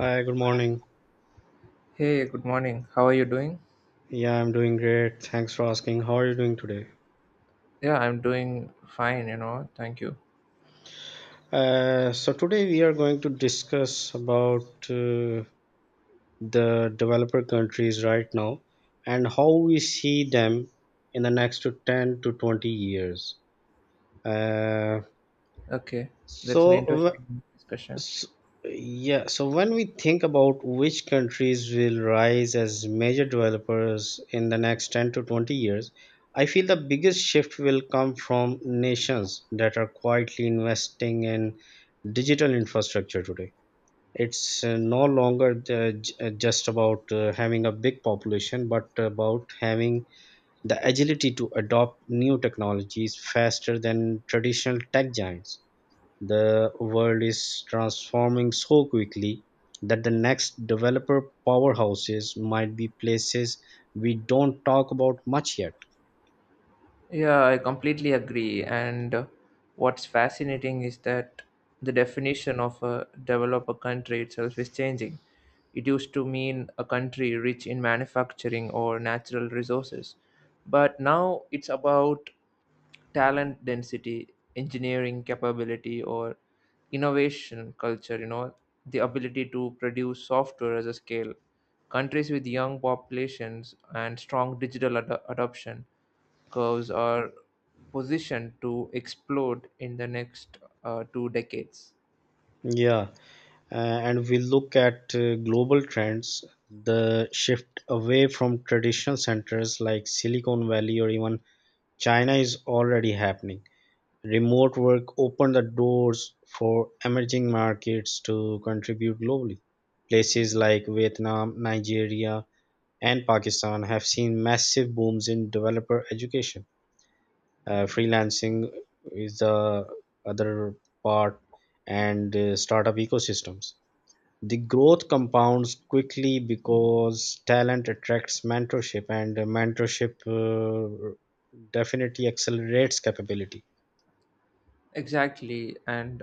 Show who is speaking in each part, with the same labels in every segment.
Speaker 1: Hi, good morning.
Speaker 2: Hey, good morning. How are you doing?
Speaker 1: Yeah, I'm doing great. Thanks for asking. How are you doing today?
Speaker 2: Yeah, I'm doing fine, you know. Thank you.
Speaker 1: So today we are going to discuss about the developer countries right now and how we see them in the next to 10 to 20 years. Uh,
Speaker 2: Okay, that's
Speaker 1: so
Speaker 2: an interesting discussion.
Speaker 1: So yeah, so when we think about which countries will rise as major developers in the next 10 to 20 years, I feel the biggest shift will come from nations that are quietly investing in digital infrastructure today. It's no longer just about having a big population, but about having the agility to adopt new technologies faster than traditional tech giants. The world is transforming so quickly that the next developer powerhouses might be places we don't talk about much yet.
Speaker 2: Yeah, I completely agree. And what's fascinating is that the definition of a developer country itself is changing. It used to mean a country rich in manufacturing or natural resources, but now it's about talent density, engineering capability, or innovation culture, you know, the ability to produce software as a scale. Countries with young populations and strong digital ad- adoption curves are positioned to explode in the next two decades.
Speaker 1: Yeah, uh, and we look at global trends, the shift away from traditional centers like Silicon Valley or even China is already happening. Remote work opened the doors for emerging markets to contribute globally. Places like Vietnam, Nigeria, and Pakistan have seen massive booms in developer education. Freelancing is the other part, and startup ecosystems. The growth compounds quickly because talent attracts mentorship, and mentorship definitely accelerates capability.
Speaker 2: Exactly, and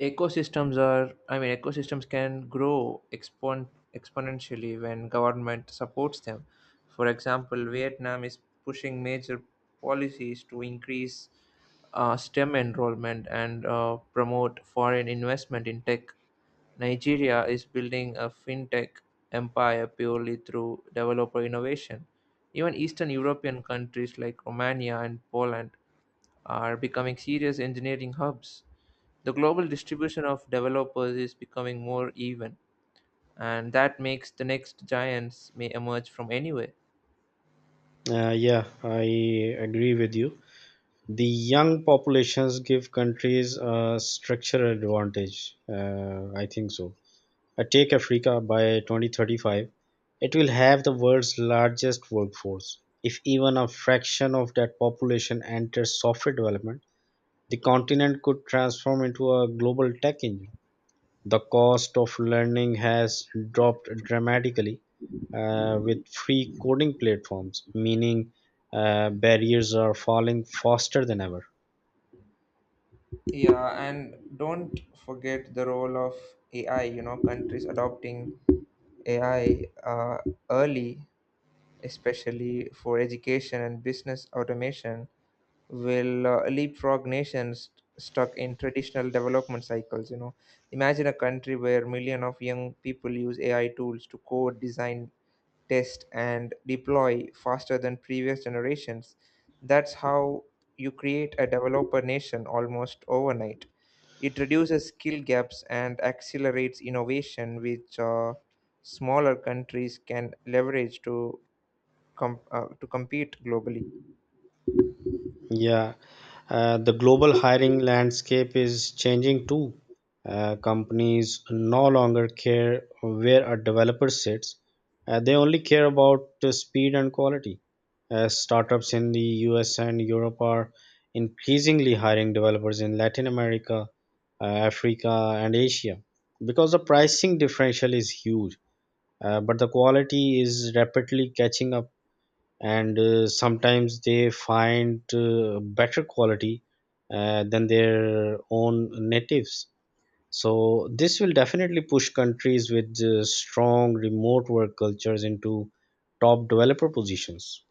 Speaker 2: ecosystems are, I mean, ecosystems can grow exponentially when government supports them. For example, Vietnam is pushing major policies to increase STEM enrollment and promote foreign investment in tech. Nigeria is building a fintech empire purely through developer innovation. Even Eastern European countries like Romania and Poland are becoming serious engineering hubs. The global distribution of developers is becoming more even, and that makes the next giants may emerge from anywhere.
Speaker 1: Yeah, I agree with you. The young populations give countries a structural advantage. I think so. Take Africa. By 2035, it will have the world's largest workforce. If even a fraction of that population enters software development, the continent could transform into a global tech engine. The cost of learning has dropped dramatically with free coding platforms, meaning barriers are falling faster than ever.
Speaker 2: Yeah, and don't forget the role of AI, you know, countries adopting AI early, especially for education and business automation, will leapfrog nations stuck in traditional development cycles, you know, imagine a country where million of young people use AI tools to code, design, test, and deploy faster than previous generations. That's how you create a developer nation almost overnight. It reduces skill gaps and accelerates innovation, which smaller countries can leverage to compete globally.
Speaker 1: Yeah, the global hiring landscape is changing too. Companies no longer care where a developer sits, they only care about the speed and quality. Startups in the US and Europe are increasingly hiring developers in Latin America, Africa, and Asia because the pricing differential is huge, but the quality is rapidly catching up, and sometimes they find better quality than their own natives. So this will definitely push countries with strong remote work cultures into top developer positions.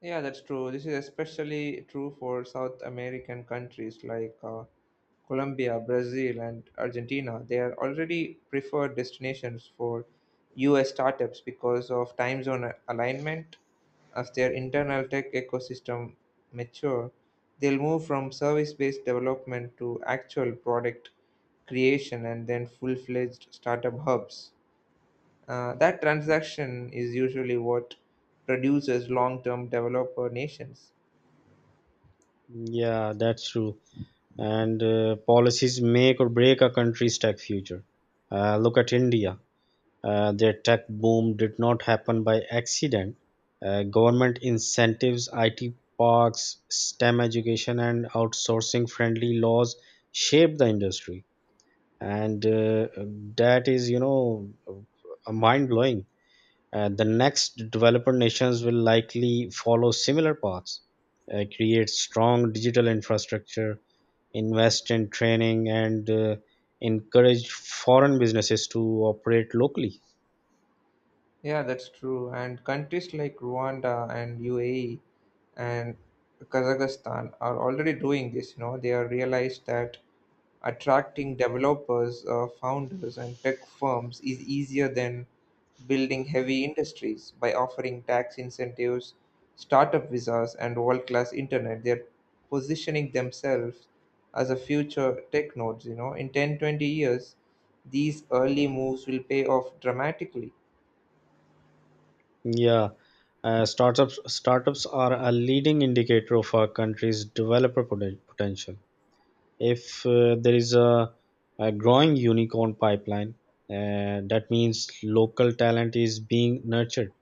Speaker 2: Yeah, that's true. This is especially true for South American countries like Colombia, Brazil, and Argentina. They are already preferred destinations for US startups because of time zone alignment. As their internal tech ecosystem mature, they'll move from service-based development to actual product creation and then full-fledged startup hubs. That transaction is usually what produces long term developer nations.
Speaker 1: Yeah, that's true. And policies make or break a country's tech future. Look at India. Their tech boom did not happen by accident. Government incentives, IT parks, STEM education, and outsourcing friendly laws shaped the industry. And that is, you know, mind blowing. The next developer nations will likely follow similar paths: create strong digital infrastructure, invest in training, and encourage foreign businesses to operate locally.
Speaker 2: Yeah, that's true. And countries like Rwanda and UAE and Kazakhstan are already doing this. You know, they have realized that attracting developers, founders, and tech firms is easier than building heavy industries by offering tax incentives, startup visas, and world-class internet. They're positioning themselves as a future tech nodes. You know, in 10, 20 years, these early moves will pay off dramatically.
Speaker 1: Yeah, startups are a leading indicator of our country's developer potential. If there is a growing unicorn pipeline, that means local talent is being nurtured.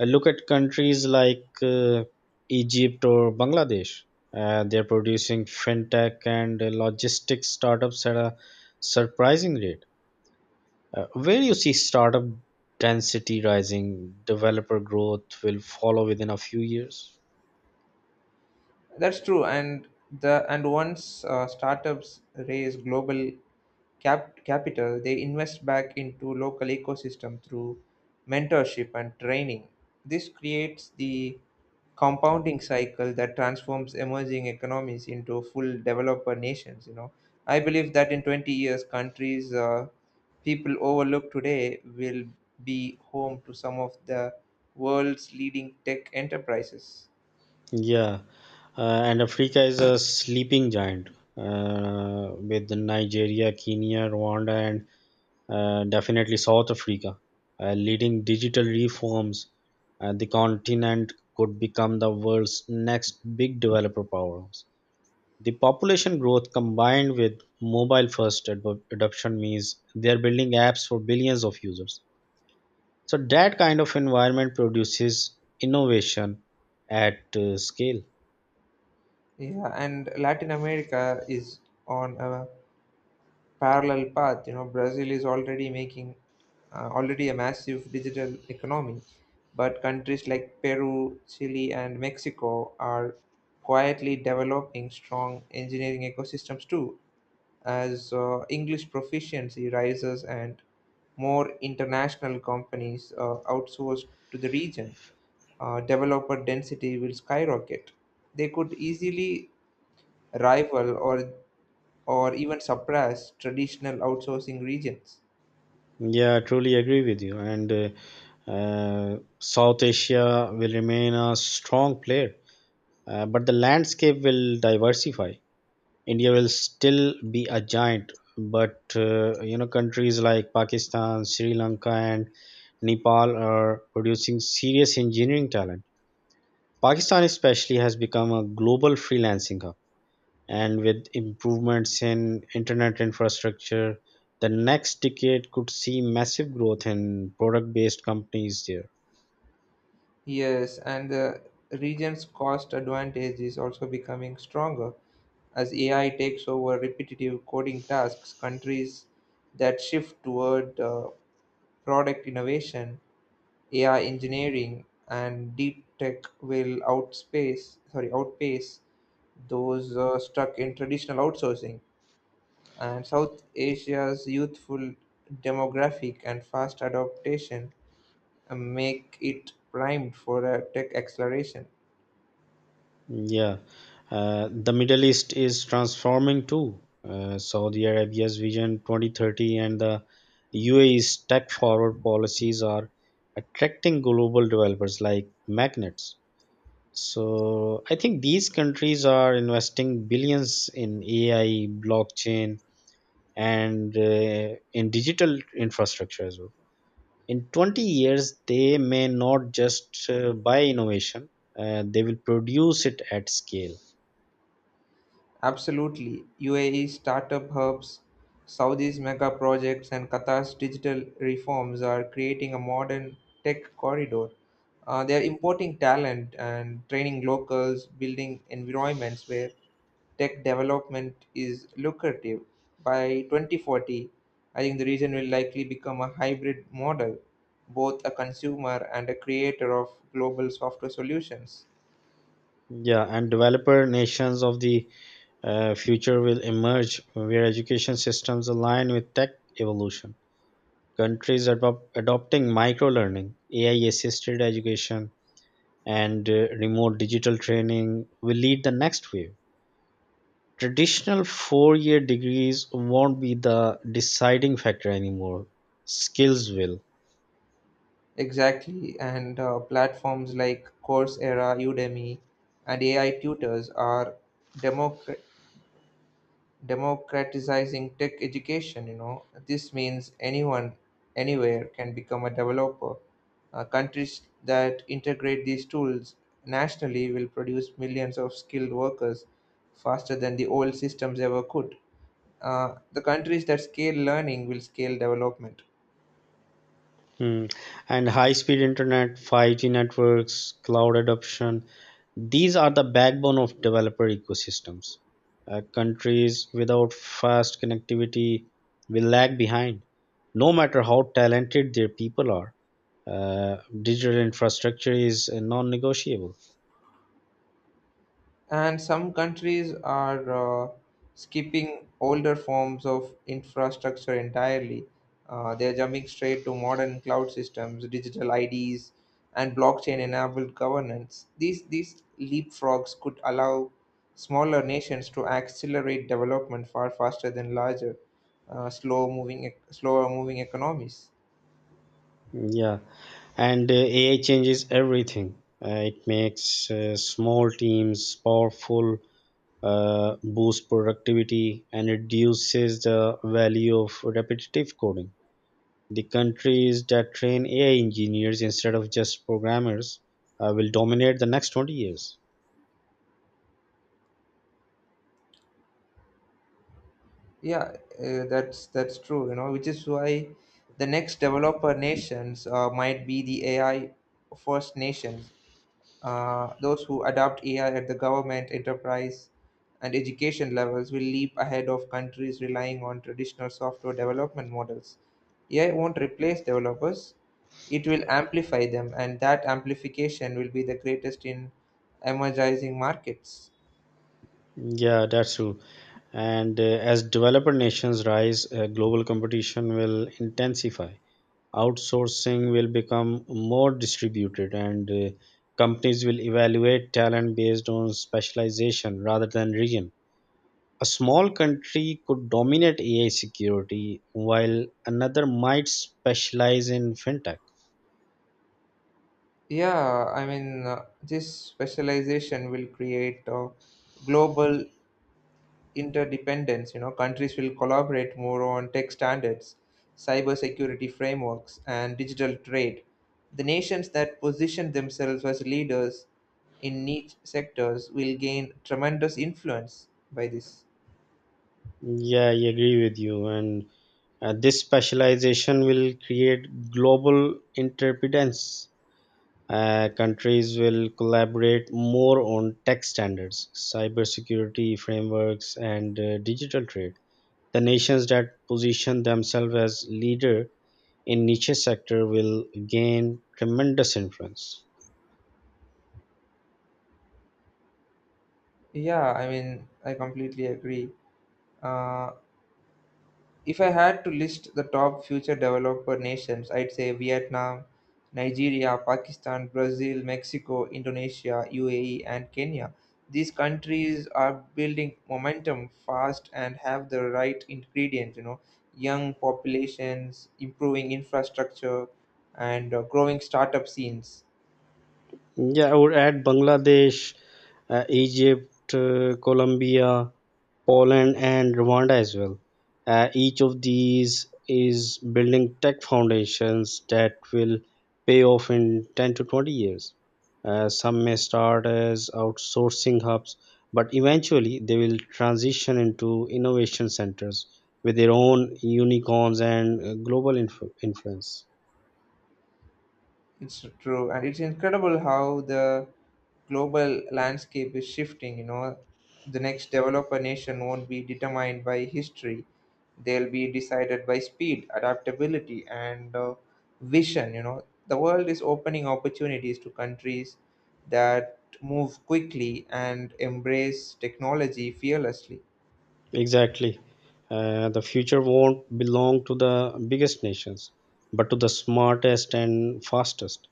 Speaker 1: Look at countries like Egypt or Bangladesh. They're producing fintech and logistics startups at a surprising rate. Where you see startup density rising, developer growth will follow within a few years.
Speaker 2: That's true, and the and once startups raise global capital, they invest back into local ecosystem through mentorship and training. This creates the compounding cycle that transforms emerging economies into full developer nations. You know, I believe that in 20 years, countries people overlook today will be home to some of the world's leading tech enterprises.
Speaker 1: Yeah, and Africa is a sleeping giant with Nigeria, Kenya, Rwanda, and definitely South Africa leading digital reforms. The continent could become the world's next big developer powerhouse. The population growth combined with mobile first adoption means they're building apps for billions of users. So that kind of environment produces innovation at scale.
Speaker 2: Yeah, and Latin America is on a parallel path. You know, Brazil is already a massive digital economy, but countries like Peru, Chile, and Mexico are quietly developing strong engineering ecosystems too. As English proficiency rises and more international companies outsource to the region, developer density will skyrocket. They could easily rival or even suppress traditional outsourcing regions.
Speaker 1: Yeah, I truly agree with you. And South Asia will remain a strong player, but the landscape will diversify. India will still be a giant, but you know, countries like Pakistan, Sri Lanka, and Nepal are producing serious engineering talent. Pakistan especially has become a global freelancing hub, and with improvements in internet infrastructure, the next decade could see massive growth in product-based companies there.
Speaker 2: Yes, and the region's cost advantage is also becoming stronger as AI takes over repetitive coding tasks. Countries that shift toward product innovation, AI engineering, and deep tech will outspace sorry outpace those stuck in traditional outsourcing. And South Asia's youthful demographic and fast adaptation make it primed for a tech acceleration.
Speaker 1: Yeah, the Middle East is transforming too. Saudi Arabia's Vision 2030 and the UAE's tech forward policies are attracting global developers like magnets. So, I think these countries are investing billions in AI, blockchain, and in digital infrastructure as well. In 20 years, they may not just buy innovation, they will produce it at scale.
Speaker 2: Absolutely. UAE's startup hubs, Saudi's mega projects, and Qatar's digital reforms are creating a modern tech corridor. They are importing talent and training locals, building environments where tech development is lucrative. By 2040, I think the region will likely become a hybrid model, both a consumer and a creator of global software solutions.
Speaker 1: Yeah, and developer nations of the future will emerge where education systems align with tech evolution. Countries adopting micro learning, AI assisted education, and remote digital training will lead the next wave. Traditional 4 year degrees won't be the deciding factor anymore, skills will.
Speaker 2: Exactly, and platforms like Coursera, Udemy, and AI tutors are democra- democratizing tech education. You know, this means anyone, anywhere can become a developer. Countries that integrate these tools nationally will produce millions of skilled workers faster than the old systems ever could. The countries that scale learning will scale development.
Speaker 1: Hmm. And high speed internet, 5G networks, cloud adoption, these are the backbone of developer ecosystems. Countries without fast connectivity will lag behind, no matter how talented their people are. Digital infrastructure is non-negotiable.
Speaker 2: And some countries are skipping older forms of infrastructure entirely. They're jumping straight to modern cloud systems, digital IDs, and blockchain-enabled governance. These leapfrogs could allow smaller nations to accelerate development far faster than larger, slower-moving economies.
Speaker 1: Yeah, and AI changes everything. It makes small teams powerful, boosts productivity, and reduces the value of repetitive coding. The countries that train AI engineers instead of just programmers will dominate the next 20 years.
Speaker 2: Yeah, that's true, you know, which is why the next developer nations might be the AI first nations, those who adopt AI at the government, enterprise, and education levels will leap ahead of countries relying on traditional software development models. AI won't replace developers, it will amplify them, and that amplification will be the greatest in emerging markets.
Speaker 1: Yeah, that's true. And as developer nations rise, global competition will intensify. Outsourcing will become more distributed, and companies will evaluate talent based on specialization rather than region. A small country could dominate AI security while another might specialize in fintech.
Speaker 2: Yeah, I mean, this specialization will create global interdependence. You know, countries will collaborate more on tech standards, cyber security frameworks, and digital trade. The nations that position themselves as leaders in niche sectors will gain tremendous influence by this.
Speaker 1: Yeah, I agree with you. And this specialization will create global interdependence. Countries will collaborate more on tech standards, cybersecurity frameworks, and digital trade. The nations that position themselves as leader in niche sector will gain tremendous influence.
Speaker 2: Yeah, I mean, I completely agree. Uh, If I had to list the top future developer nations, I'd say Vietnam, Nigeria, Pakistan, Brazil, Mexico, Indonesia, UAE, and Kenya. These countries are building momentum fast and have the right ingredients, you know, young populations, improving infrastructure, and growing startup scenes.
Speaker 1: Yeah, I would add Bangladesh, Egypt, Colombia, Poland, and Rwanda as well. Each of these is building tech foundations that will pay off in 10 to 20 years. Some may start as outsourcing hubs, but eventually they will transition into innovation centers with their own unicorns and influence.
Speaker 2: It's true, and it's incredible how the global landscape is shifting, you know, the next developer nation won't be determined by history. They'll be decided by speed, adaptability, and vision. You know, the world is opening opportunities to countries that move quickly and embrace technology fearlessly.
Speaker 1: Exactly. The future won't belong to the biggest nations, but to the smartest and fastest.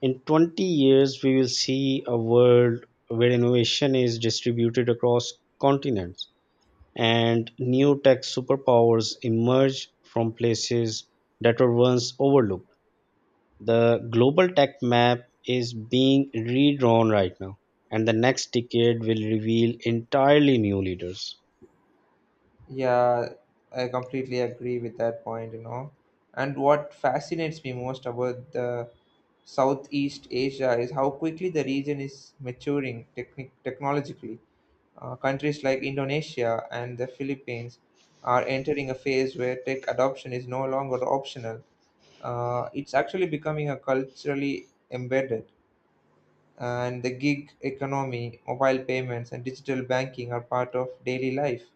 Speaker 1: In 20 years, we will see a world where innovation is distributed across continents and new tech superpowers emerge from places that were once overlooked. The global tech map is being redrawn right now, and the next decade will reveal entirely new leaders.
Speaker 2: Yeah, I completely agree with that point, you know. And what fascinates me most about the Southeast Asia is how quickly the region is maturing technic technologically. Countries like Indonesia and the Philippines are entering a phase where tech adoption is no longer optional. It's actually becoming a culturally embedded, and the gig economy, mobile payments, and digital banking are part of daily life,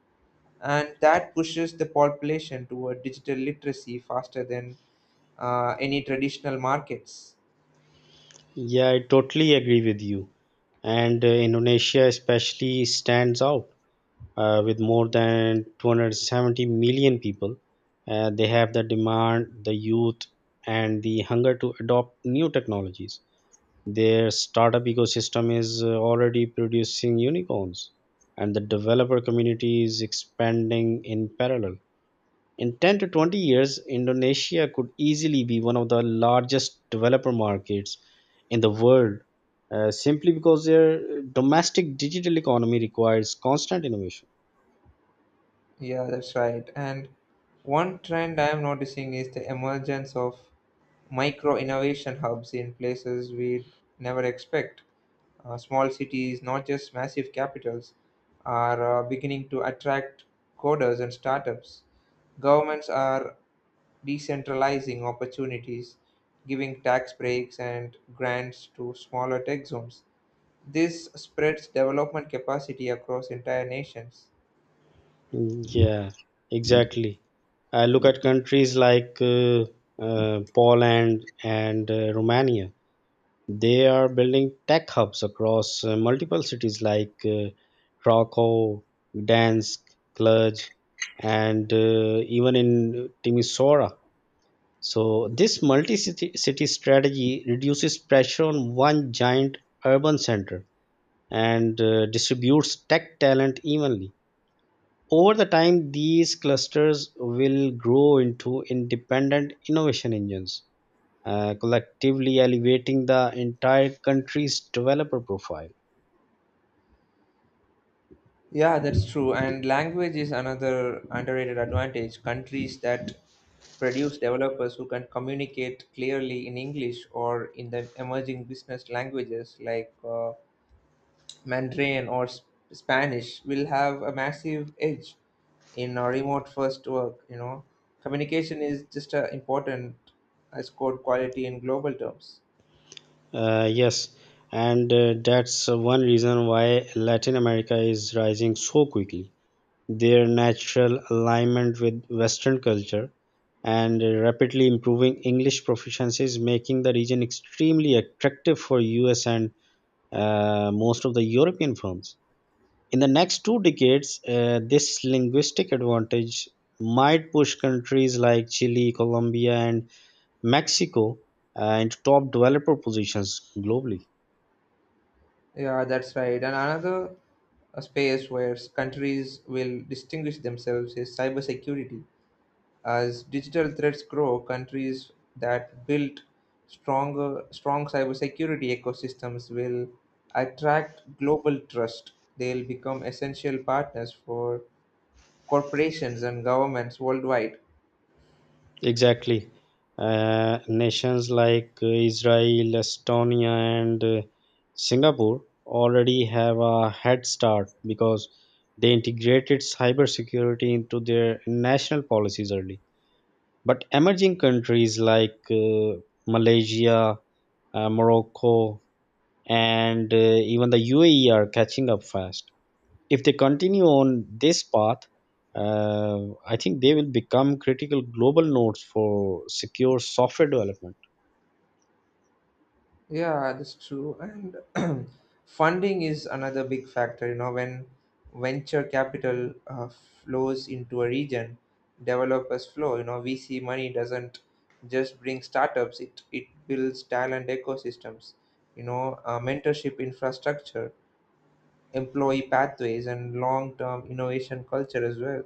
Speaker 2: and that pushes the population toward digital literacy faster than any traditional markets.
Speaker 1: Yeah, I totally agree with you. And Indonesia especially stands out with more than 270 million people. They have the demand, the youth, and the hunger to adopt new technologies. Their startup ecosystem is already producing unicorns, and the developer community is expanding in parallel. In 10 to 20 years, Indonesia could easily be one of the largest developer markets in the world simply because their domestic digital economy requires constant innovation.
Speaker 2: Yeah, that's right. And one trend I am noticing is the emergence of micro innovation hubs in places we'd never expect. Small cities, not just massive capitals, are beginning to attract coders and startups. Governments are decentralizing opportunities, giving tax breaks and grants to smaller tech zones. This spreads development capacity across entire nations.
Speaker 1: Mm, yeah, exactly. I look at countries like Poland and Romania. They are building tech hubs across multiple cities like Krakow, Gdansk, Cluj, and even in Timisoara. So, this multi city strategy reduces pressure on one giant urban center and distributes tech talent evenly. Over the time, these clusters will grow into independent innovation engines, collectively elevating the entire country's developer profile.
Speaker 2: Yeah, that's true. And language is another underrated advantage. Countries that produce developers who can communicate clearly in English or in the emerging business languages like Mandarin or Spanish will have a massive edge in a remote first work. You know, communication is just important as core quality in global terms.
Speaker 1: Yes, and that's one reason why Latin America is rising so quickly. Their natural alignment with Western culture, and rapidly improving English proficiency is making the region extremely attractive for US and most of the European firms. In the next two decades, this linguistic advantage might push countries like Chile, Colombia, and Mexico into top developer positions globally.
Speaker 2: Yeah, that's right. And another space where countries will distinguish themselves is cybersecurity. As digital threats grow, countries that build strong cybersecurity ecosystems will attract global trust. They'll become essential partners for corporations and governments worldwide.
Speaker 1: Exactly. Nations like Israel, Estonia, and Singapore already have a head start because they integrated cybersecurity into their national policies early. But emerging countries like Malaysia, Morocco, and even the UAE are catching up fast. If they continue on this path, I think they will become critical global nodes for secure software development.
Speaker 2: Yeah, that's true. And funding is another big factor. You know, when venture capital flows into a region, developers flow. You know, VC money doesn't just bring startups; it builds talent ecosystems. You know, mentorship infrastructure, employee pathways, and long-term innovation culture as well.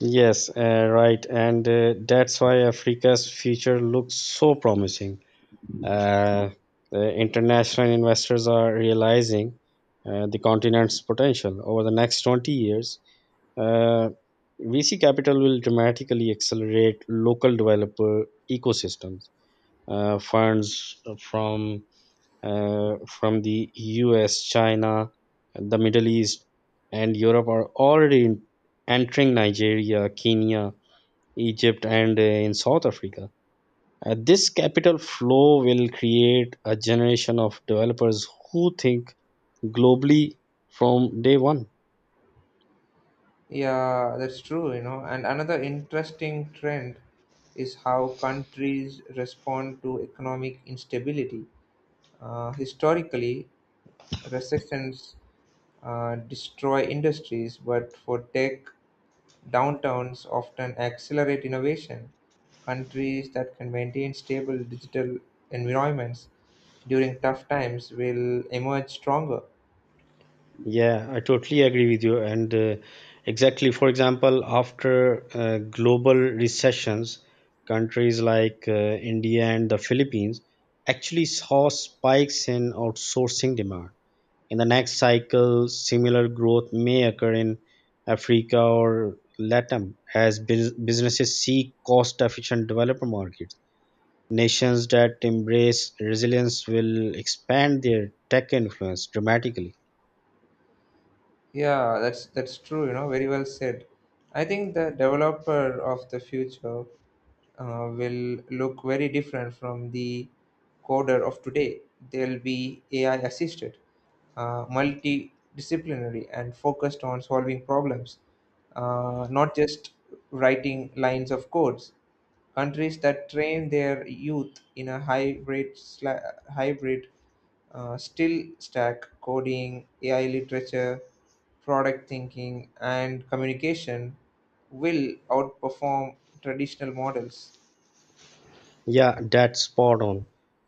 Speaker 1: Yes, right. And that's why Africa's future looks so promising. Uh, the international investors are realizing the continent's potential. Over the next 20 years, uh, VC capital will dramatically accelerate local developer ecosystems. Uh, funds from uh, from the US, China, the Middle East, and Europe are already entering Nigeria, Kenya, Egypt, and in South Africa. This capital flow will create a generation of developers who think globally from day 1.
Speaker 2: Yeah, that's true, you know. And another interesting trend is how countries respond to economic instability. Historically, recessions destroy industries, but for tech, downturns often accelerate innovation. Countries that can maintain stable digital environments during tough times will emerge stronger.
Speaker 1: Yeah, I totally agree with you. And exactly, for example, after global recessions, countries like India and the Philippines actually saw spikes in outsourcing demand. In the next cycle, similar growth may occur in Africa or Latam as businesses seek cost efficient developer markets. Nations that embrace resilience will expand their tech influence dramatically.
Speaker 2: Yeah, that's true, you know, very well said. I think the developer of the future will look very different from the coder of today. They'll be AI assisted, multidisciplinary, and focused on solving problems, not just writing lines of codes. Countries that train their youth in a hybrid, still stack coding, AI literature, product thinking, and communication will outperform traditional models.
Speaker 1: Yeah, that's spot on.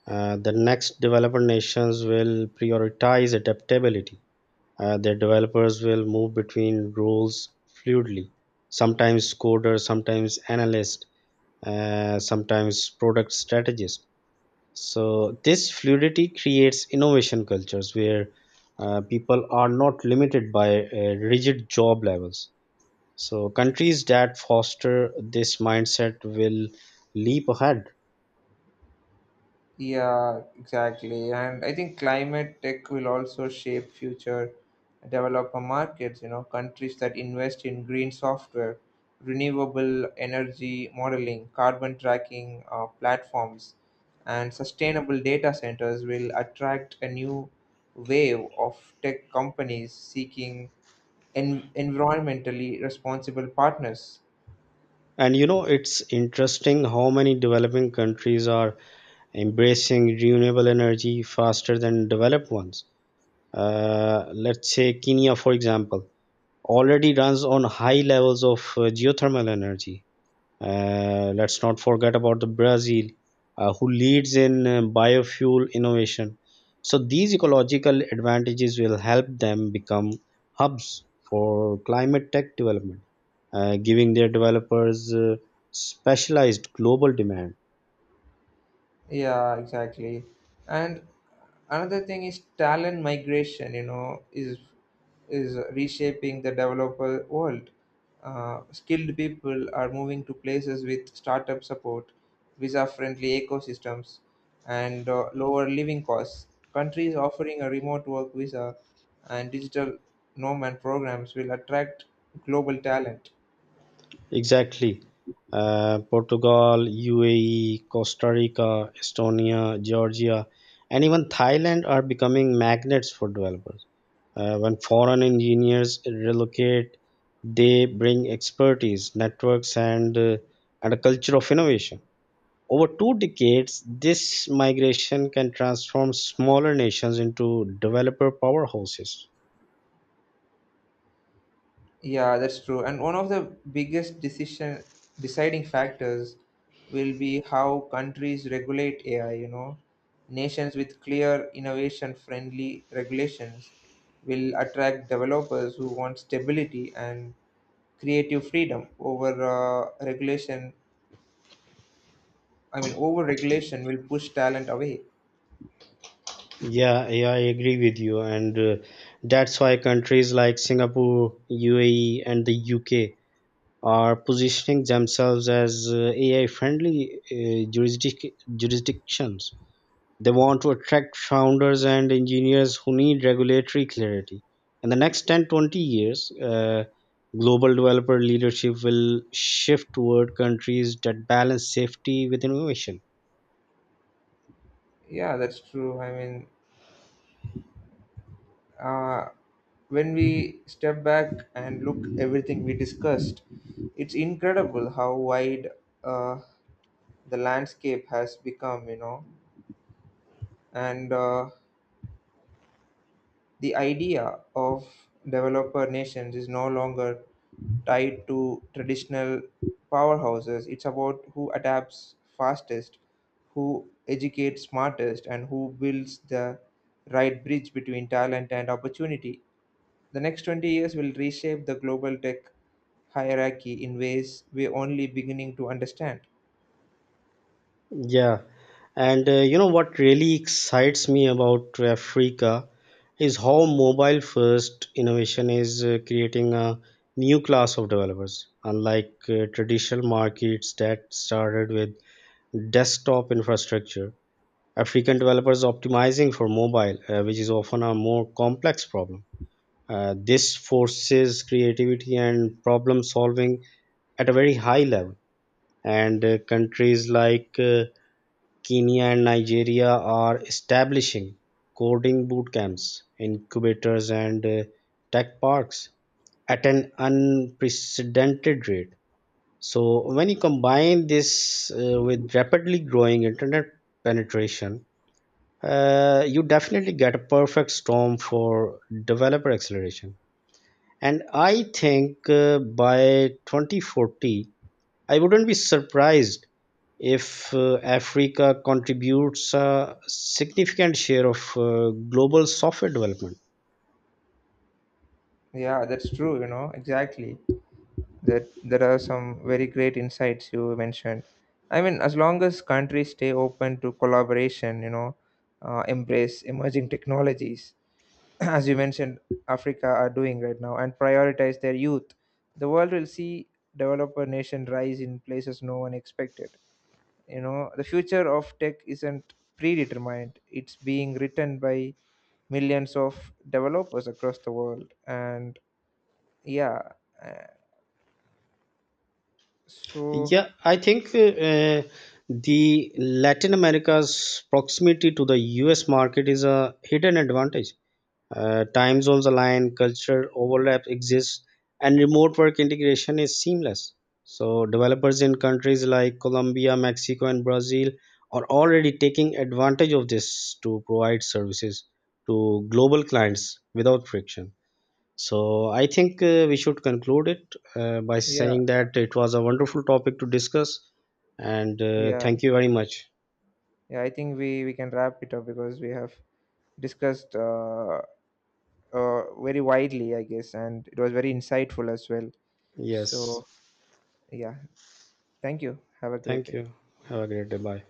Speaker 1: The next developed nations will prioritize adaptability. Their developers will move between roles fluidly, sometimes coder, sometimes analyst, sometimes product strategist. So, this fluidity creates innovation cultures where people are not limited by rigid job levels. So, countries that foster this mindset will leap ahead.
Speaker 2: Yeah, exactly. And I think climate tech will also shape future developer markets, you know, countries that invest in green software, renewable energy modeling, carbon tracking platforms, and sustainable data centers will attract a new wave of tech companies seeking environmentally responsible partners.
Speaker 1: And you know, it's interesting how many developing countries are embracing renewable energy faster than developed ones. Let's say Kenya, for example, already runs on high levels of geothermal energy. Let's not forget about the Brazil, who leads in biofuel innovation. So these ecological advantages will help them become hubs for climate tech development, giving their developers specialized global demand.
Speaker 2: Yeah, exactly. And another thing is talent migration, you know, is reshaping the developer world. Skilled people are moving to places with startup support, visa-friendly ecosystems, and lower living costs. Countries offering a remote work visa and digital nomad programs will attract global talent.
Speaker 1: Exactly. Portugal, UAE, Costa Rica, Estonia, Georgia, and even Thailand are becoming magnets for developers. When foreign engineers relocate, they bring expertise, networks, and, a culture of innovation. Over two decades, this migration can transform smaller nations into developer powerhouses.
Speaker 2: Yeah, that's true. And one of the biggest decision deciding factors will be how countries regulate AI, you know. Nations with clear innovation-friendly regulations will attract developers who want stability and creative freedom over regulation. I mean, over regulation will push talent away.
Speaker 1: Yeah, I agree with you, and that's why countries like Singapore, UAE, and the UK are positioning themselves as AI-friendly jurisdictions. They want to attract founders and engineers who need regulatory clarity. In the next 10, 20 years, global developer leadership will shift toward countries that balance safety with innovation.
Speaker 2: Yeah, that's true. I mean, uh, when we step back and look everything we discussed, it's incredible how wide uh, the landscape has become, you know. And the idea of developer nations is no longer tied to traditional powerhouses. It's about who adapts fastest, who educates smartest, and who builds the right bridge between talent and opportunity. The next 20 years will reshape the global tech hierarchy in ways we're only beginning to understand.
Speaker 1: Yeah, and you know what really excites me about Africa is how mobile first innovation is creating a new class of developers, unlike traditional markets that started with desktop infrastructure. African developers optimizing for mobile, which is often a more complex problem. This forces creativity and problem solving at a very high level. And countries like Kenya and Nigeria are establishing coding boot camps, incubators, and tech parks at an unprecedented rate. So, when you combine this with rapidly growing internet penetration, you definitely get a perfect storm for developer acceleration. And I think by 2040, I wouldn't be surprised if Africa contributes a significant share of global software development.
Speaker 2: Yeah, that's true, you know, exactly. That there are some very great insights you mentioned. I mean, as long as countries stay open to collaboration, you know, embrace emerging technologies, as you mentioned, Africa are doing right now, and prioritize their youth, the world will see developer nation rise in places no one expected. You know, the future of tech isn't predetermined; it's being written by millions of developers across the world. And yeah, uh, so
Speaker 1: Yeah, I think the Latin America's proximity to the US market is a hidden advantage. Time zones align, culture overlap exists, and remote work integration is seamless. So, developers in countries like Colombia, Mexico, and Brazil are already taking advantage of this to provide services to global clients without friction. So, I think we should conclude it by
Speaker 2: yeah.
Speaker 1: saying that it was a wonderful topic to discuss, and
Speaker 2: yeah
Speaker 1: thank you very much.
Speaker 2: yeah, I think we can wrap it up because we have discussed, uh very widely I guess, and it was very insightful as well.
Speaker 1: Yes,
Speaker 2: So yeah, thank you, have a great
Speaker 1: thank
Speaker 2: day.
Speaker 1: you. Have a great day. Bye.